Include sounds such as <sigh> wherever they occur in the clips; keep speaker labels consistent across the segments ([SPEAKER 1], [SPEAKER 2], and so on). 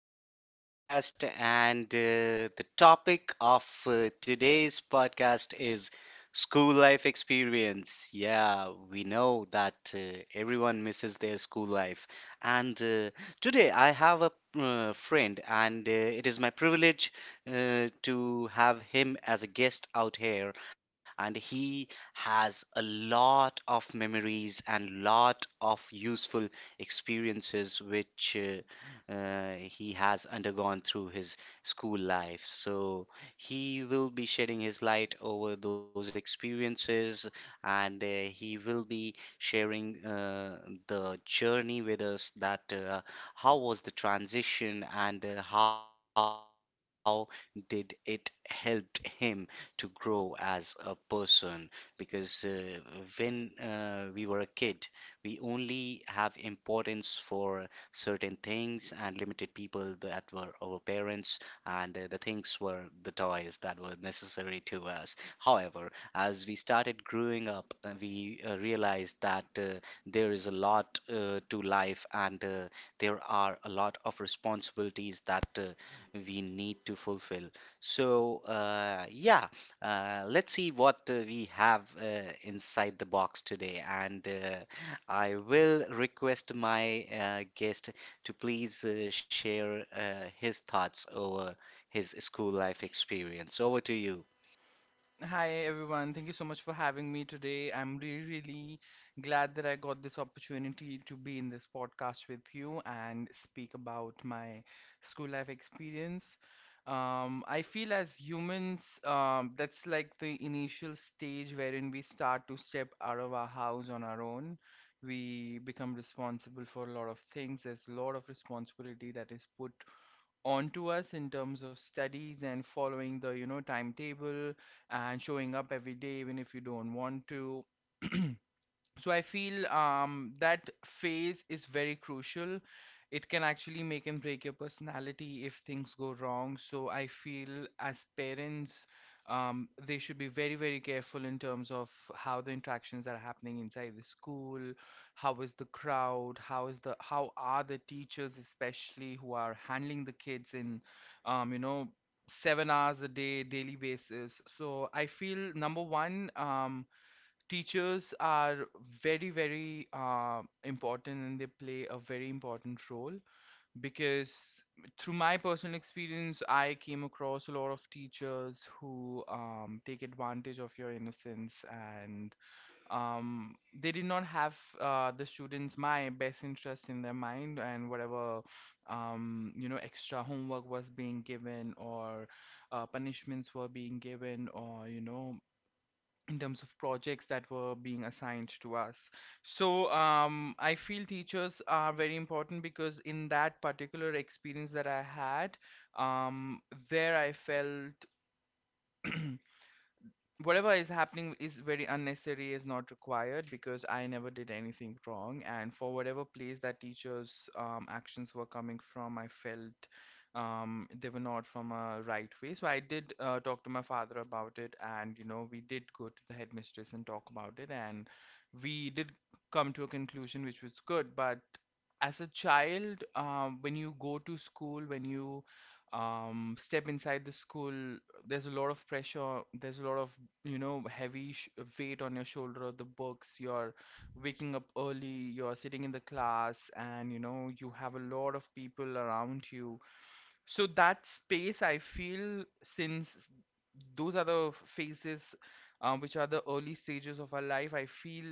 [SPEAKER 1] to today's podcast. And the topic of today's podcast is school life experience. Yeah, we know that everyone misses their school life. And today I have a friend, and it is my privilege to have him as a guest out here. And he has a lot of memories and lot of useful experiences which he has undergone through his school life. So he will be shedding his light over those experiences and he will be sharing the journey with us that how was the transition and how did it helped him to grow as a person because when we were a kid, we only have importance for certain things and limited people that were our parents, and the things were the toys that were necessary to us. However, as we started growing up, we realized that there is a lot to life, and there are a lot of responsibilities that we need to fulfill. So yeah, let's see what we have inside the box today, and I will request my guest to please share his thoughts over his school life experience. Over to you.
[SPEAKER 2] Hi everyone, thank you so much for having me today. I'm really, really glad that I got this opportunity to be in this podcast with you and speak about my school life experience. I feel as humans, that's like the initial stage wherein we start to step out of our house on our own. We become responsible for a lot of things. There's a lot of responsibility that is put onto us in terms of studies and following the timetable and showing up every day even if you don't want to. So I feel that phase is very crucial. It can actually make and break your personality if things go wrong. So I feel as parents, they should be very very careful in terms of how the interactions are happening inside the school. How is the crowd, how is the, how are the teachers, especially who are handling the kids in, um, you know 7 hours a day daily basis. So I feel number one, teachers are very very important and they play a very important role, because through my personal experience I came across a lot of teachers who take advantage of your innocence, and they did not have the students my best interests in their mind. And whatever extra homework was being given, or punishments were being given, or you know, in terms of projects that were being assigned to us. So I feel teachers are very important because in that particular experience that I had, um, there I felt whatever is happening is very unnecessary, is not required, because I never did anything wrong. And for whatever place that teachers actions were coming from, I felt they were not from a right way. So I did talk to my father about it, and you know we did go to the headmistress and talk about it, and we did come to a conclusion which was good. But as a child, when you go to school, when you step inside the school, there's a lot of pressure, there's a lot of, you know, heavy weight on your shoulder of the books, you're waking up early, you're sitting in the class, and you know you have a lot of people around you. So that space, I feel, since those are the phases, which are the early stages of our life, I feel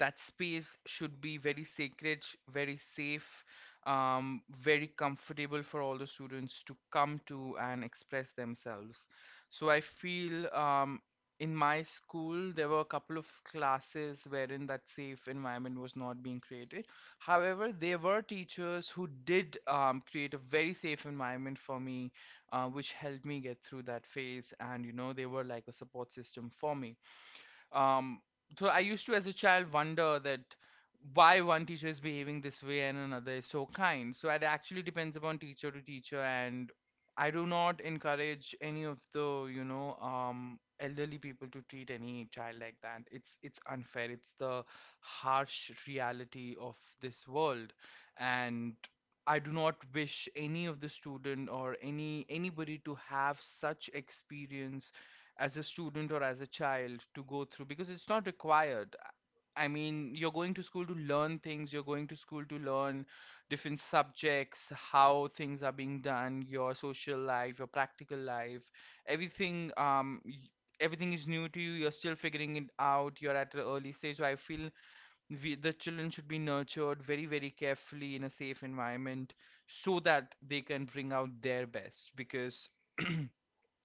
[SPEAKER 2] that space should be very sacred, very safe, very comfortable for all the students to come to and express themselves. So I feel, in my school there were a couple of classes wherein that safe environment was not being created. However, there were teachers who did create a very safe environment for me, which helped me get through that phase. And you know, they were like a support system for me. Um, so I used to, as a child, wonder that why one teacher is behaving this way and another is so kind. So it actually depends upon teacher to teacher. And I do not encourage any of the, you know, elderly people to treat any child like that. It's unfair. It's the harsh reality of this world, and I do not wish any of the student or anybody to have such experience as a student or as a child to go through, because it's not required. I mean, you're going to school to learn things, you're going to school to learn different subjects, how things are being done, your social life, your practical life, everything everything is new to you, you're still figuring it out, you're at an early stage. So I feel we, the children, should be nurtured very, very carefully in a safe environment so that they can bring out their best. Because <clears throat>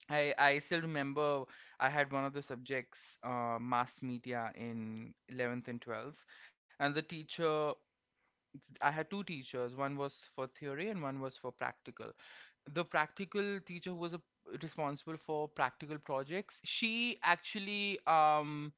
[SPEAKER 2] I still remember I had one of the subjects, mass media in 11th and 12th. And the teacher, I had two teachers. One was for theory and one was for practical. The practical teacher, who was a, responsible for practical projects, she actually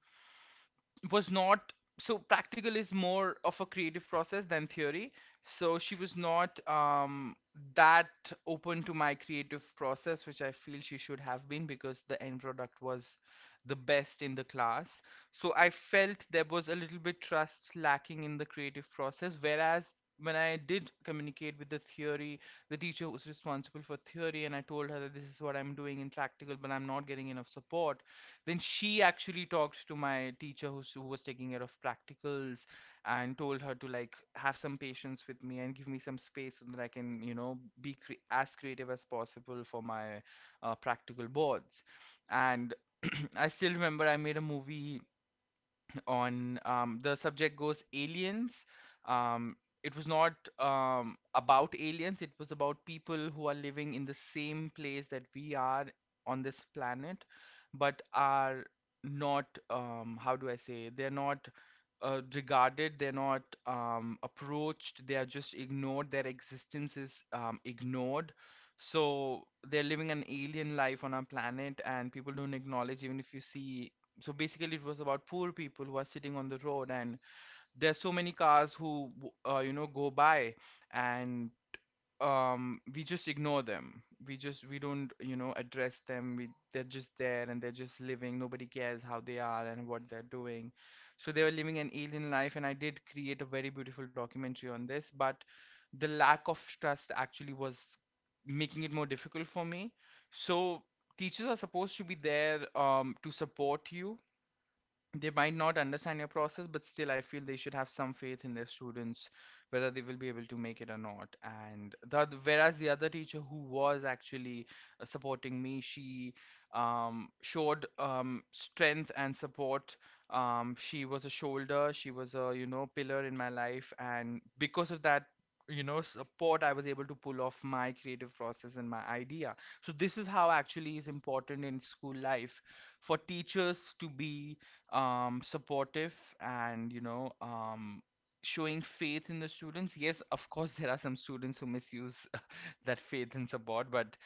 [SPEAKER 2] was not, so practical is more of a creative process than theory, so she was not that open to my creative process, which I feel she should have been, because the end product was the best in the class. So I felt there was a little bit trust lacking in the creative process. Whereas when I did communicate with the theory, the teacher was responsible for theory, and I told her that this is what I'm doing in practical but I'm not getting enough support, then she actually talked to my teacher who was taking care of practicals, and told her to like have some patience with me and give me some space so that I can, you know, as creative as possible for my practical boards. And <clears throat> I still remember I made a movie on, the subject goes aliens. um, it was not, about aliens. It was about people who are living in the same place that we are on this planet, but are not, how do I say, they're not regarded, they're not approached, they are just ignored, their existence is ignored. So they're living an alien life on our planet and people don't acknowledge, even if you see. So basically it was about poor people who are sitting on the road, and there's so many cars who you know go by. And we just ignore them, we just, we don't you know address them, we, they're just there and they're just living, nobody cares how they are and what they're doing. So they were living an alien life, and I did create a very beautiful documentary on this. But the lack of trust actually was making it more difficult for me. So teachers are supposed to be there to support you. They might not understand your process, but still I feel they should have some faith in their students, whether they will be able to make it or not. Whereas the other teacher, who was actually supporting me, she showed, strength and support. She was a shoulder, she was a, you know, pillar in my life, and because of that, you know, support, I was able to pull off my creative process and my idea. So this is how actually is important in school life, for teachers to be supportive, and you know, showing faith in the students. Yes, of course there are some students who misuse <laughs> that faith and support, but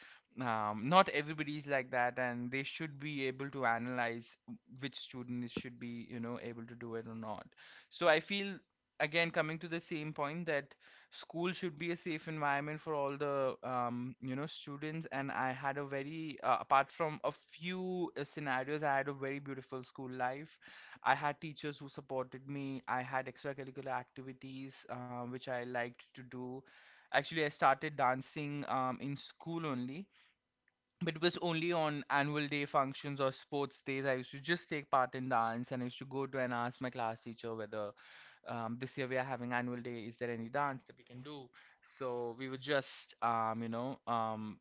[SPEAKER 2] not everybody is like that, and they should be able to analyze which student is should be you know able to do it or not. So I feel, again coming to the same point that school should be a safe environment for all the, you know, students. And I had a very apart from a few scenarios, I had a very beautiful school life. I had teachers who supported me, I had extracurricular activities which I liked to do. Actually I started dancing in school only. But it was only on annual day functions or sports days I used to just take part in dance, and I used to go to and ask my class teacher whether this year we are having annual day, is there any dance that we can do. So we would just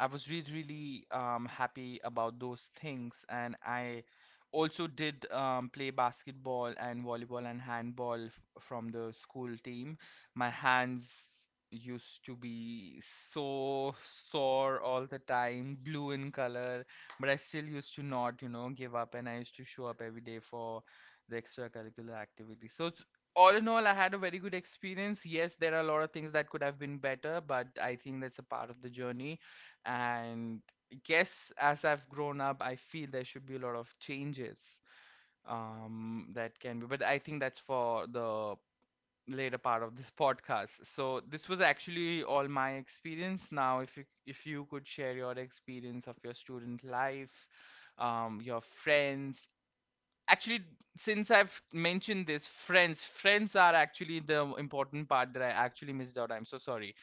[SPEAKER 2] I was really, really happy about those things. And I also did play basketball and volleyball and handball from the school team. My hands used to be so sore all the time, blue in color, but I still used to not, you know, give up. And I used to show up every day for the extracurricular activity. So, it's, all in all, I had a very good experience. Yes, there are a lot of things that could have been better, but I think that's a part of the journey and yes, as I've grown up, I feel there should be a lot of changes that can be, but I think that's for the later part of this podcast. So this was actually all my experience. Now if you could share your experience of your student life, your friends. Actually, since I've mentioned this, friends are actually the important part that I actually missed out. I'm so sorry.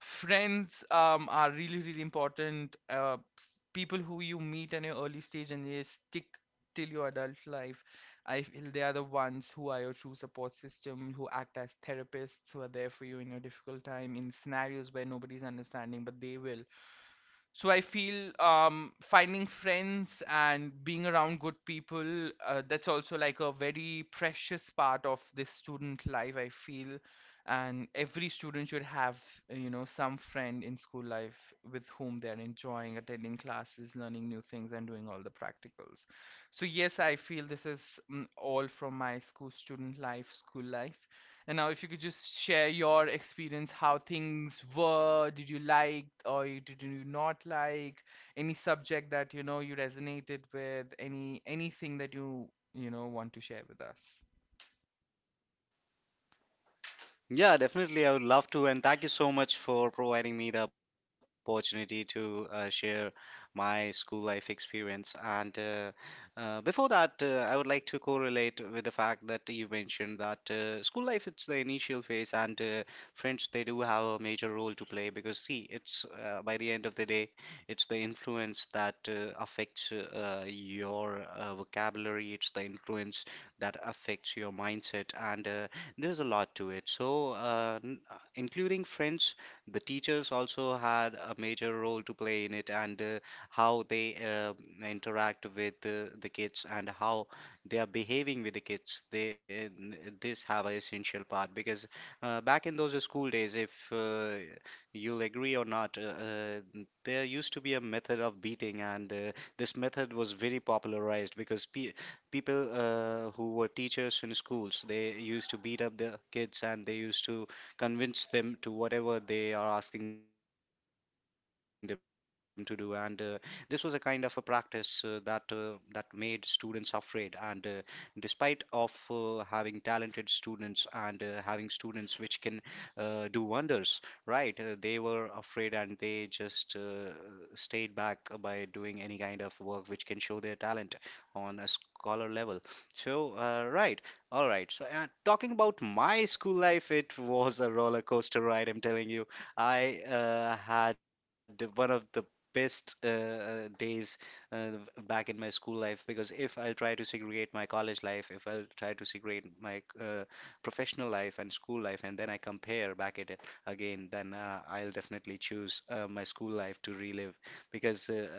[SPEAKER 2] Friends are really, really important. People who you meet in your early stage and they stick till your adult life. I feel they are the ones who are your true support system, who act as therapists, who are there for you in your difficult time, in scenarios where nobody's understanding, but they will. So I feel, finding friends and being around good people, that's also like a very precious part of this student life, I feel. And every student should have some friend in school life with whom they're enjoying attending classes, learning new things, and doing all the practicals. So yes, I feel this is all from my school student life, school life. And now, if you could just share your experience, how things were, did you like or you, did you not like any subject that you know you resonated with, any anything that you know want to share with us?
[SPEAKER 1] Yeah, definitely. I would love to. And thank you so much for providing me the opportunity to share my school life experience. And before that, I would like to correlate with the fact that you mentioned that school life, it's the initial phase, and friends, they do have a major role to play because, see, it's by the end of the day, it's the influence that affects your vocabulary, it's the influence that affects your mindset. And there's a lot to it. So, including friends, the teachers also had a major role to play in it, and how they interact with the kids, and how they are behaving with the kids. This have an essential part because back in those school days, if you'll agree or not, there used to be a method of beating, and this method was very popularized because pe people who were teachers in schools, they used to beat up the kids, and they used to convince them to whatever they are asking them to do. And this was a kind of a practice that made students afraid. And despite of having talented students and having students which can do wonders, right, they were afraid, and they just stayed back by doing any kind of work which can show their talent on a scholar level. So, all right. So, talking about my school life, it was a roller coaster ride, I'm telling you. I had one of the best days uh, back in my school life because if I'll try to segregate my college life, if I'll try to segregate my professional life and school life, and then I compare back at it again, then I'll definitely choose my school life to relive because. Uh,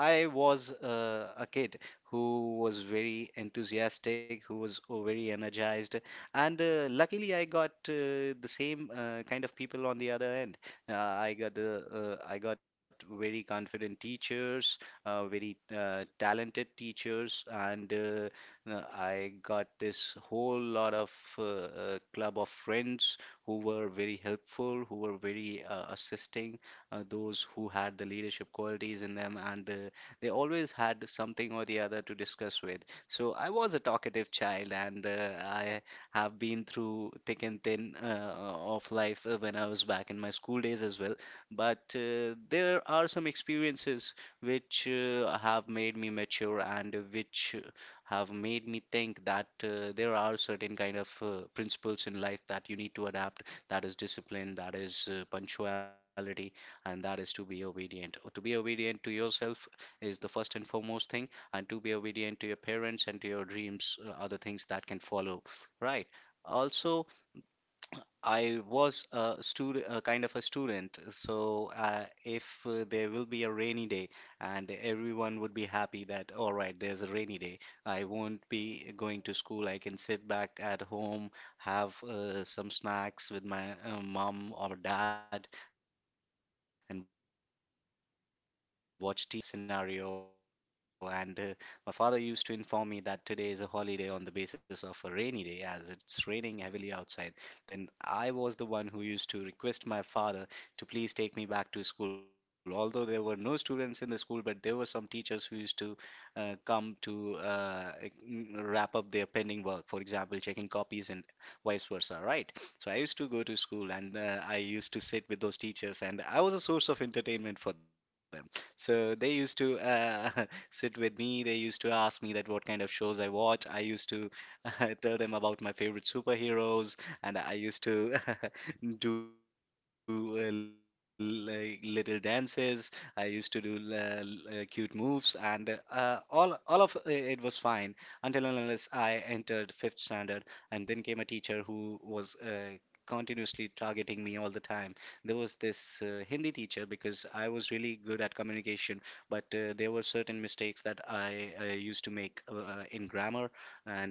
[SPEAKER 1] I was a kid who was very enthusiastic, who was very energized, and luckily I got the same kind of people on the other end. I got very confident teachers, very talented teachers, and I got this whole lot of club of friends who were very helpful, who were very assisting those who had the leadership qualities in them, and they always had something or the other to discuss with. So I was a talkative child, and I have been through thick and thin of life when I was back in my school days as well. But there are some experiences which have made me mature and which have made me think that there are certain kind of principles in life that you need to adapt. That is discipline, that is punctuality, and that is to be obedient. Or to be obedient to yourself is the first and foremost thing, and to be obedient to your parents and to your dreams are the things that can follow, right? Also, I was a student, a kind of a student. So if there will be a rainy day, and everyone would be happy that all right, there's a rainy day. I won't be going to school. I can sit back at home, have some snacks with my mom or dad, and watch TV. But I was that kind of a student. So if there was a rainy day scenario, and my father used to inform me that today is a holiday on the basis of a rainy day, as it's raining heavily outside, then I was the one who used to request my father to please take me back to school. Although there were no students in the school, but there were some teachers who used to come to wrap up their pending work, for example, checking copies and vice versa, right? So I used to go to school, and I used to sit with those teachers, and I was a source of entertainment for them. So they used to <laughs> sit with me. They used to ask me that what kind of shows I watch. I used to <laughs> tell them about my favorite superheroes <laughs> and I used to <laughs> do like little dances. I used to do cute moves, and all of it was fine until and unless I entered fifth standard, and then came a teacher who was continuously targeting me all the time. There was this hindi teacher because I was really good at communication, but there were certain mistakes that I used to make in grammar, and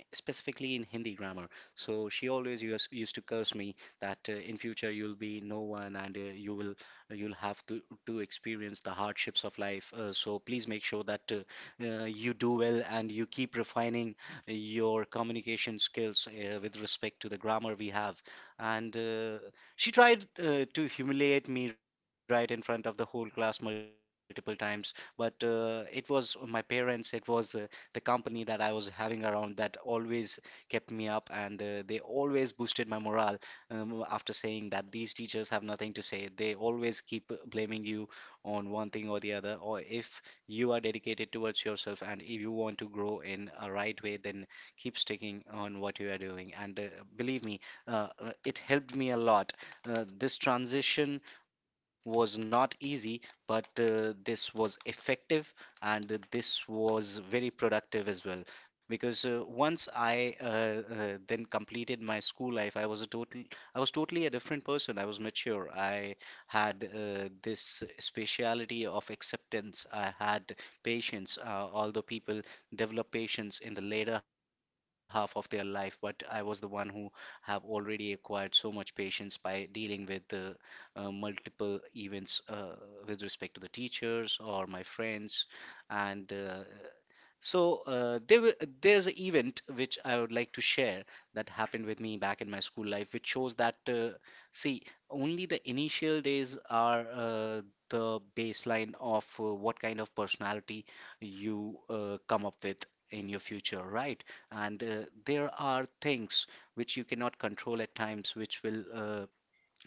[SPEAKER 1] specifically in hindi grammar. So she always used to curse me that in future you'll be no one, and you'll have to experience the hardships of life. So please make sure that you do well and you keep refining your communication skills with respect to the grammar we have. And she tried to humiliate me right in front of the whole class multiple times, but it was my parents, it was the company that I was having around that always kept me up, and they always boosted my morale, after saying that these teachers have nothing to say. They always keep blaming you on one thing or the other. Or if you are dedicated towards yourself and if you want to grow in a right way, then keep sticking on what you are doing. And believe me, it helped me a lot. This transition was not easy, but this was effective, and this was very productive as well, because once I then completed my school life, I was totally a different person. I was mature. I had this speciality of acceptance. I had patience. Although people develop patience in the later half of their life, but I was the one who have already acquired so much patience by dealing with the multiple events with respect to the teachers or my friends and. Uh, so uh, there, were- there's an event which I would like to share that happened with me back in my school life, which shows that, see, only the initial days are the baseline of what kind of personality you come up with in your future, right? And There are things which you cannot control at times, which will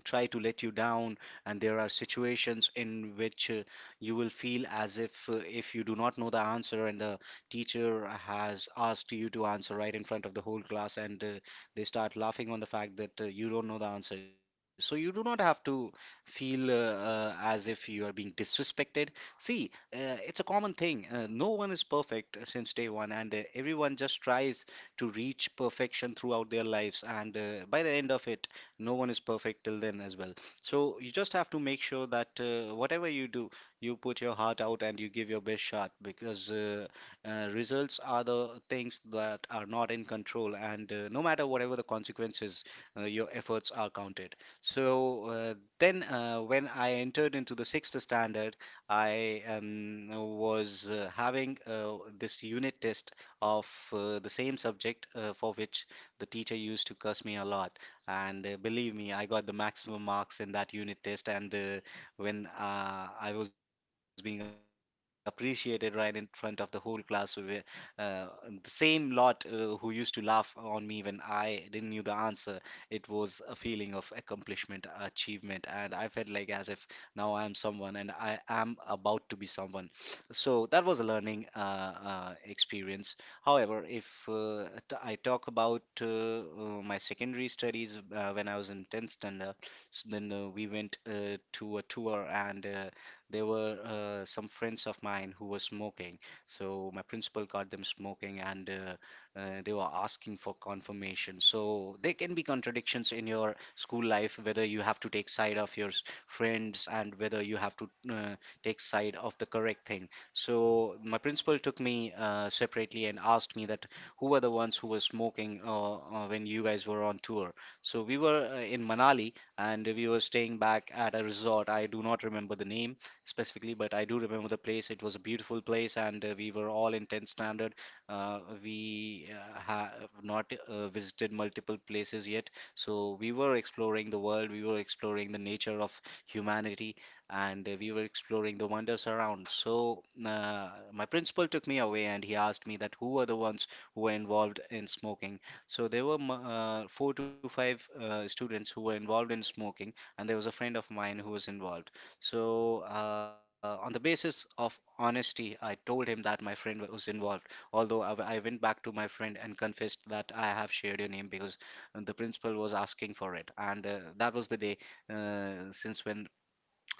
[SPEAKER 1] try to let you down, and there are situations in which you will feel as if you do not know the answer and the teacher has asked you to answer right in front of the whole class, and they start laughing on the fact that you don't know the answer, so you do not have to feel as if you are being disrespected. See, it's a common thing. Uh, no one is perfect since day one, and everyone just tries to reach perfection throughout their lives, and by the end of it no one is perfect till then as well. So you just have to make sure that whatever you do, you put your heart out and you give your best shot, because results are the things that are not in control, and no matter whatever the consequences, your efforts are counted. So then when I entered into the sixth standard, I was having this unit test of the same subject for which the teacher used to curse me a lot. And believe me, I got the maximum marks in that unit test. And when I was being appreciated right in front of the whole class, we were, the same lot who used to laugh on me when I didn't knew the answer. It was a feeling of accomplishment, achievement, and I felt like as if now I am someone and I am about to be someone. So that was a learning experience. However, if I talk about my secondary studies when I was in 10th standard, so then we went to a tour, and there were some friends of mine who were smoking. So my principal caught them smoking, and they were asking for confirmation. So there can be contradictions in your school life, whether you have to take side of your friends and whether you have to take side of the correct thing. So my principal took me separately and asked me that who were the ones who were smoking when you guys were on tour. So we were in Manali, and we were staying back at a resort. I do not remember the name specifically, but I do remember the place. It was a beautiful place, and we were all in 10th standard. We have not visited multiple places yet, so we were exploring the world. We were exploring the nature of humanity, and we were exploring the wonders around. So my principal took me away and he asked me that who were the ones who were involved in smoking. So there were four to five students who were involved in smoking, and there was a friend of mine who was involved. So on the basis of honesty, I told him that my friend was involved. Although I went back to my friend and confessed that I have shared your name because the principal was asking for it, and that was the day since when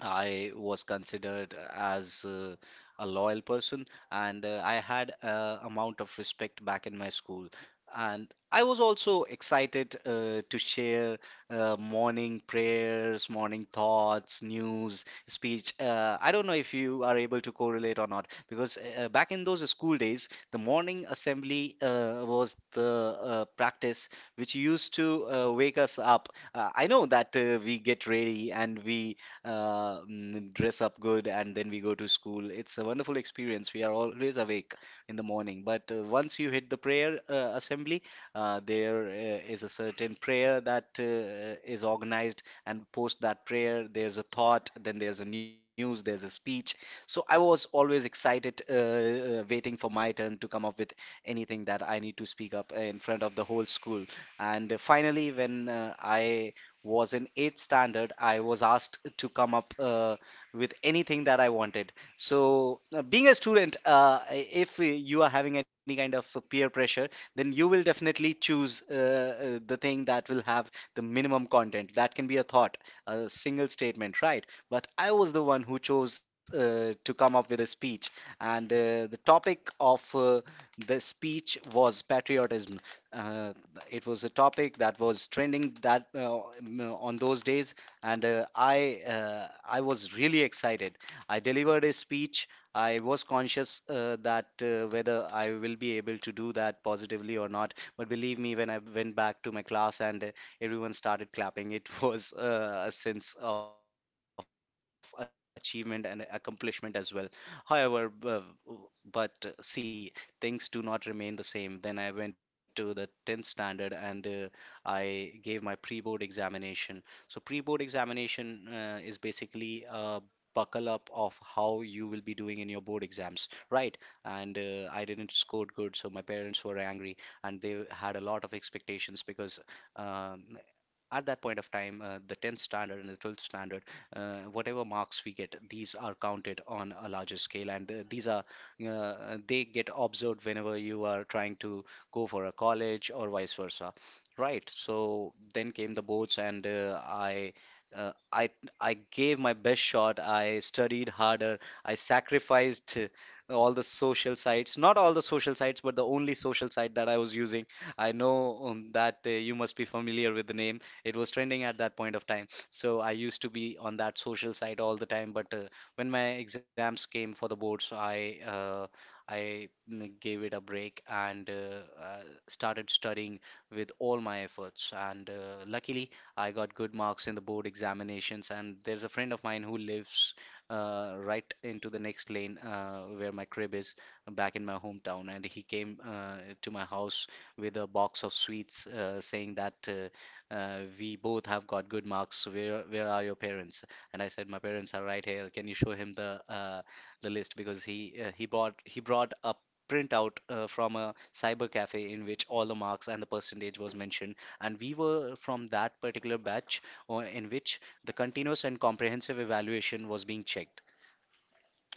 [SPEAKER 1] I was considered as a loyal person, and I had a amount of respect back in my school. And I was also excited to share morning prayers, morning thoughts, news, speech. I don't know if you are able to correlate or not, because back in those school days, the morning assembly was the practice which used to wake us up. I know that we get ready and we dress up good, and then we go to school. It's a wonderful experience. We are always awake in the morning. But once you hit the prayer assembly, there is a certain prayer that is organized, and post that prayer, there's a thought, then there's a news, there's a speech. So I was always excited, waiting for my turn to come up with anything that I need to speak up in front of the whole school. And finally, when I was in eighth standard, I was asked to come up with anything that I wanted. So, being a student, if you are having any kind of peer pressure, then you will definitely choose the thing that will have the minimum content. That can be a thought, a single statement, right? But I was the one who chose to come up with a speech, and the topic of the speech was patriotism. Uh, it was a topic that was trending that on those days, and I I was really excited. I delivered a speech. I was conscious that whether I will be able to do that positively or not. But believe me, when I went back to my class and everyone started clapping, it <laughs> was a sense of achievement and accomplishment as well. however b- but see, things do not remain the same. Then I went to the 10th standard, and I gave my pre-board examination. So pre-board examination is basically a buckle up of how you will be doing in your board exams, right? And I didn't score good, so my parents were angry, and they had a lot of expectations because um, at that point of time, the 10th standard and the 12th standard, whatever marks we get, these are counted on a larger scale, and these are they get observed whenever you are trying to go for a college or vice versa. Right. So then came the boards, and I. Uh, I I gave my best shot. I studied harder. I sacrificed all the social sites, not all the social sites, but the only social site that I was using. I know that you must be familiar with the name. It was trending at that point of time. So I used to be on that social side all the time. But when my exams came for the boards, gave it a break, and started studying with all my efforts. And luckily, I got good marks in the board examinations. And there's a friend of mine who lives right into the next lane where my crib is back in my hometown, and he came to my house with a box of sweets, saying that we both have got good marks. So where are your parents? And I said, my parents are right here. Can you show him the list, because he brought a printout from a cyber cafe in which all the marks and the percentage was mentioned. And we were from that particular batch in which the continuous and comprehensive evaluation was being checked.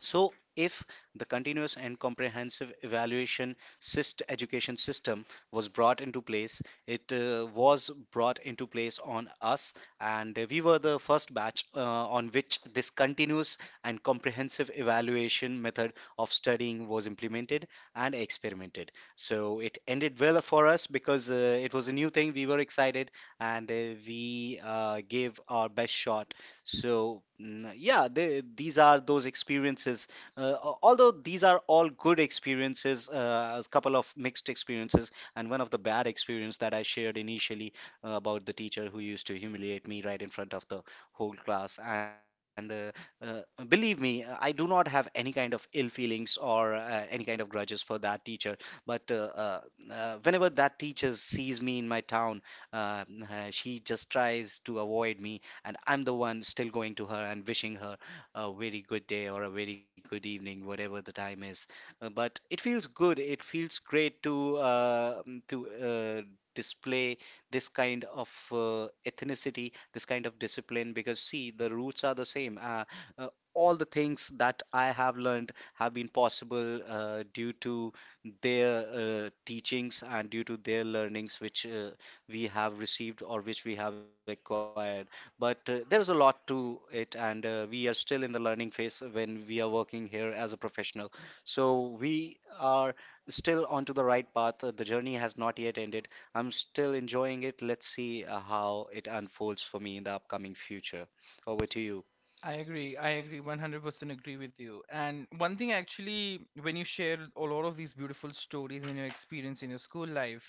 [SPEAKER 1] So, if the continuous and comprehensive evaluation syst education system was brought into place, it was brought into place on us, and we were the first batch on which this continuous and comprehensive evaluation method of studying was implemented and experimented. So, it ended well for us because it was a new thing, we were excited, and we gave our best shot. So, yeah, these are those experiences. Although these are all good experiences, a couple of mixed experiences, and one of the bad experience that I shared initially about the teacher who used to humiliate me right in front of the whole class. And uh, believe me, I do not have any kind of ill feelings or any kind of grudges for that teacher. But whenever that teacher sees me in my town, uh, she just tries to avoid me, and I'm the one still going to her and wishing her a very good day or a very good evening, whatever the time is. But it feels good, it feels great to to uh, display this kind of ethnicity, this kind of discipline, because see, the roots are the same. Uh, all the things that I have learned have been possible due to their teachings and due to their learnings, which we have received or which we have acquired. But there's a lot to it, and we are still in the learning phase when we are working here as a professional. So we are still onto the right path. The journey has not yet ended. I'm still enjoying it. Let's see how it unfolds for me in the upcoming future. Over to you.
[SPEAKER 2] I agree. I agree. 100% agree with you. And one thing, actually, when you share a lot of these beautiful stories and your experience in your school life,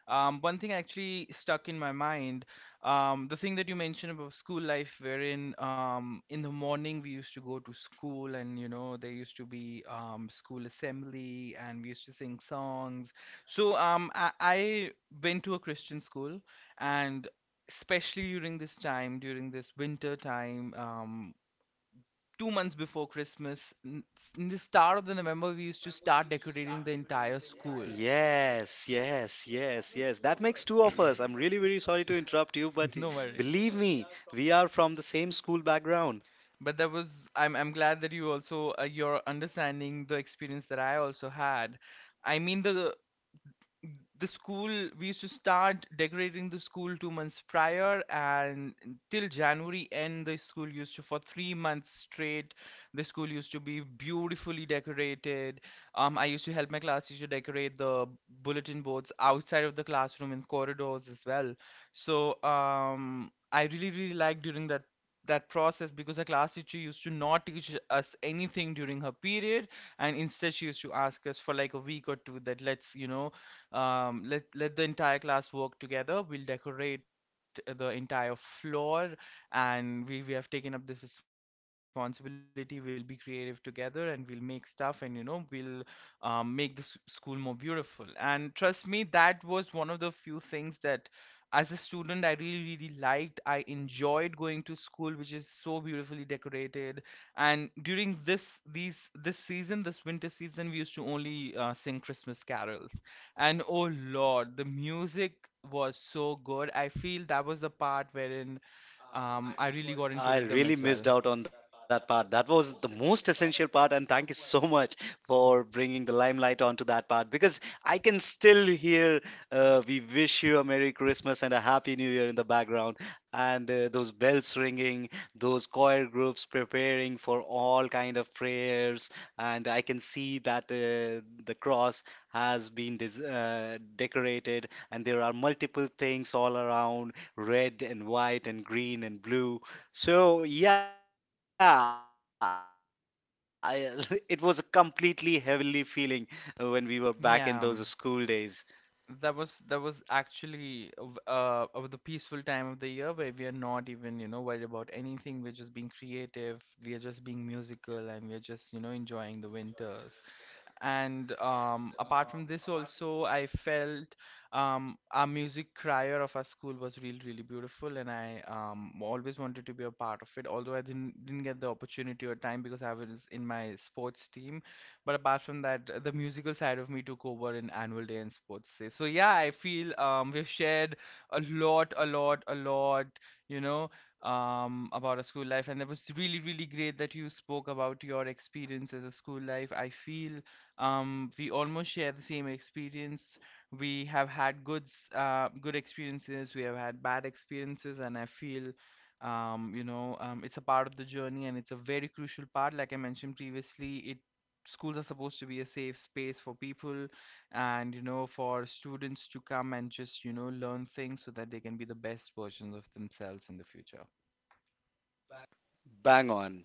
[SPEAKER 2] one thing actually stuck in my mind. The thing that you mentioned about school life, wherein in the morning we used to go to school and you know there used to be school assembly and we used to sing songs. So um, I went to a Christian school. And especially during this time, during this winter time, 2 months before Christmas, in the start of the November, we used to start decorating the entire school.
[SPEAKER 1] Yes, yes, yes, yes. That makes two of us. I'm really, really sorry to interrupt you,
[SPEAKER 2] <laughs>
[SPEAKER 1] but
[SPEAKER 2] No worry.
[SPEAKER 1] believe me, we are from the same school background.
[SPEAKER 2] But that was, I'm glad that you also, you're understanding the experience that I also had. I mean, the school, we used to start decorating the school 2 months prior, and till January end, the school used to, for 3 months straight, the school used to be beautifully decorated. I used to help my class teacher decorate the bulletin boards outside of the classroom, in corridors as well. So I really, really liked during that, that process, because the class teacher used to not teach us anything during her period, and instead she used to ask us for like a week or two that let's, you know, let the entire class work together, we'll decorate the entire floor, and we have taken up this responsibility, we'll be creative together and we'll make stuff, and you know we'll, make the school more beautiful. And trust me, that was one of the few things that as a student I really, really liked. I enjoyed going to school which is so beautifully decorated. And during this season, this winter season, we used to only sing Christmas carols. And oh Lord, the music was so good. I feel that was the part wherein I really got into rhythm
[SPEAKER 1] I
[SPEAKER 2] as
[SPEAKER 1] really
[SPEAKER 2] well.
[SPEAKER 1] missed out on that part. That was the most essential part, and thank you so much for bringing the limelight onto that part, because I can still hear "We wish you a Merry Christmas and a Happy New Year" in the background, and those bells ringing, those choir groups preparing for all kind of prayers, and I can see that the cross has been decorated, and there are multiple things all around, red and white and green and blue. So yeah, I, <laughs> it was a completely heavenly feeling when we were back in those school days.
[SPEAKER 2] Yeah, that was, actually of the peaceful time of the year where we are not even you know worried about anything. We're just being creative. We are just being musical, and we are just you know enjoying the winter. And apart from this also, I felt our music crier of our school was really, really beautiful, and I always wanted to be a part of it, although I didn't get the opportunity or time because I was in my sports team. But apart from that, the musical side of me took over in annual day and sports day. So yeah, I feel we've shared a lot, a lot, a lot, you know, about a school life, and it was really, really great that you spoke about your experience as a school life. I feel we almost share the same experience. We have had good, good experiences. We have had bad experiences, and I feel, it's a part of the journey, and it's a very crucial part. Like I mentioned previously, it, schools are supposed to be a safe space for people, and you know, for students to come and just you know learn things so that they can be the best versions of themselves in the future.
[SPEAKER 1] Bang on.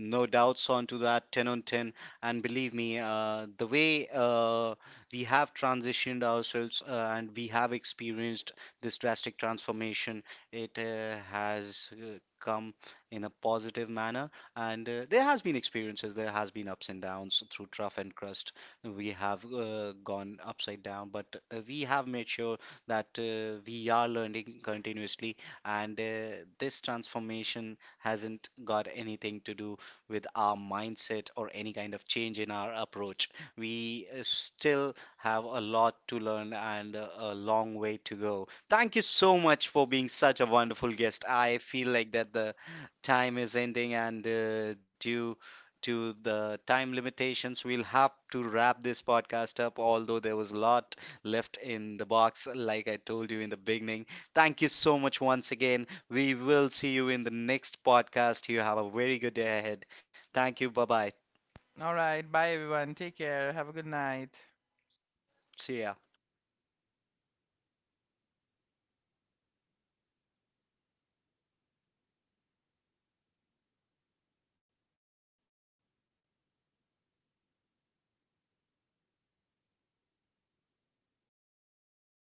[SPEAKER 1] No doubts onto that 10 on 10. And believe me, the way we have transitioned ourselves and we have experienced this drastic transformation, it has come in a positive manner. And there has been experiences, there has been ups and downs through trough and crust. We have gone upside down, but we have made sure that we are learning continuously. And this transformation hasn't got anything to do with our mindset or any kind of change in our approach. We still have a lot to learn, and a long way to go. Thank you so much for being such a wonderful guest. I feel like that the time is ending, and due to the time limitations we'll have to wrap this podcast up, although there was a lot left in the box like I told you in the beginning. Thank you so much once again. We will see you in the next podcast. You have a very good day ahead. Thank you. Bye bye.
[SPEAKER 2] All right, bye everyone. Take care. Have a good night.
[SPEAKER 1] See ya.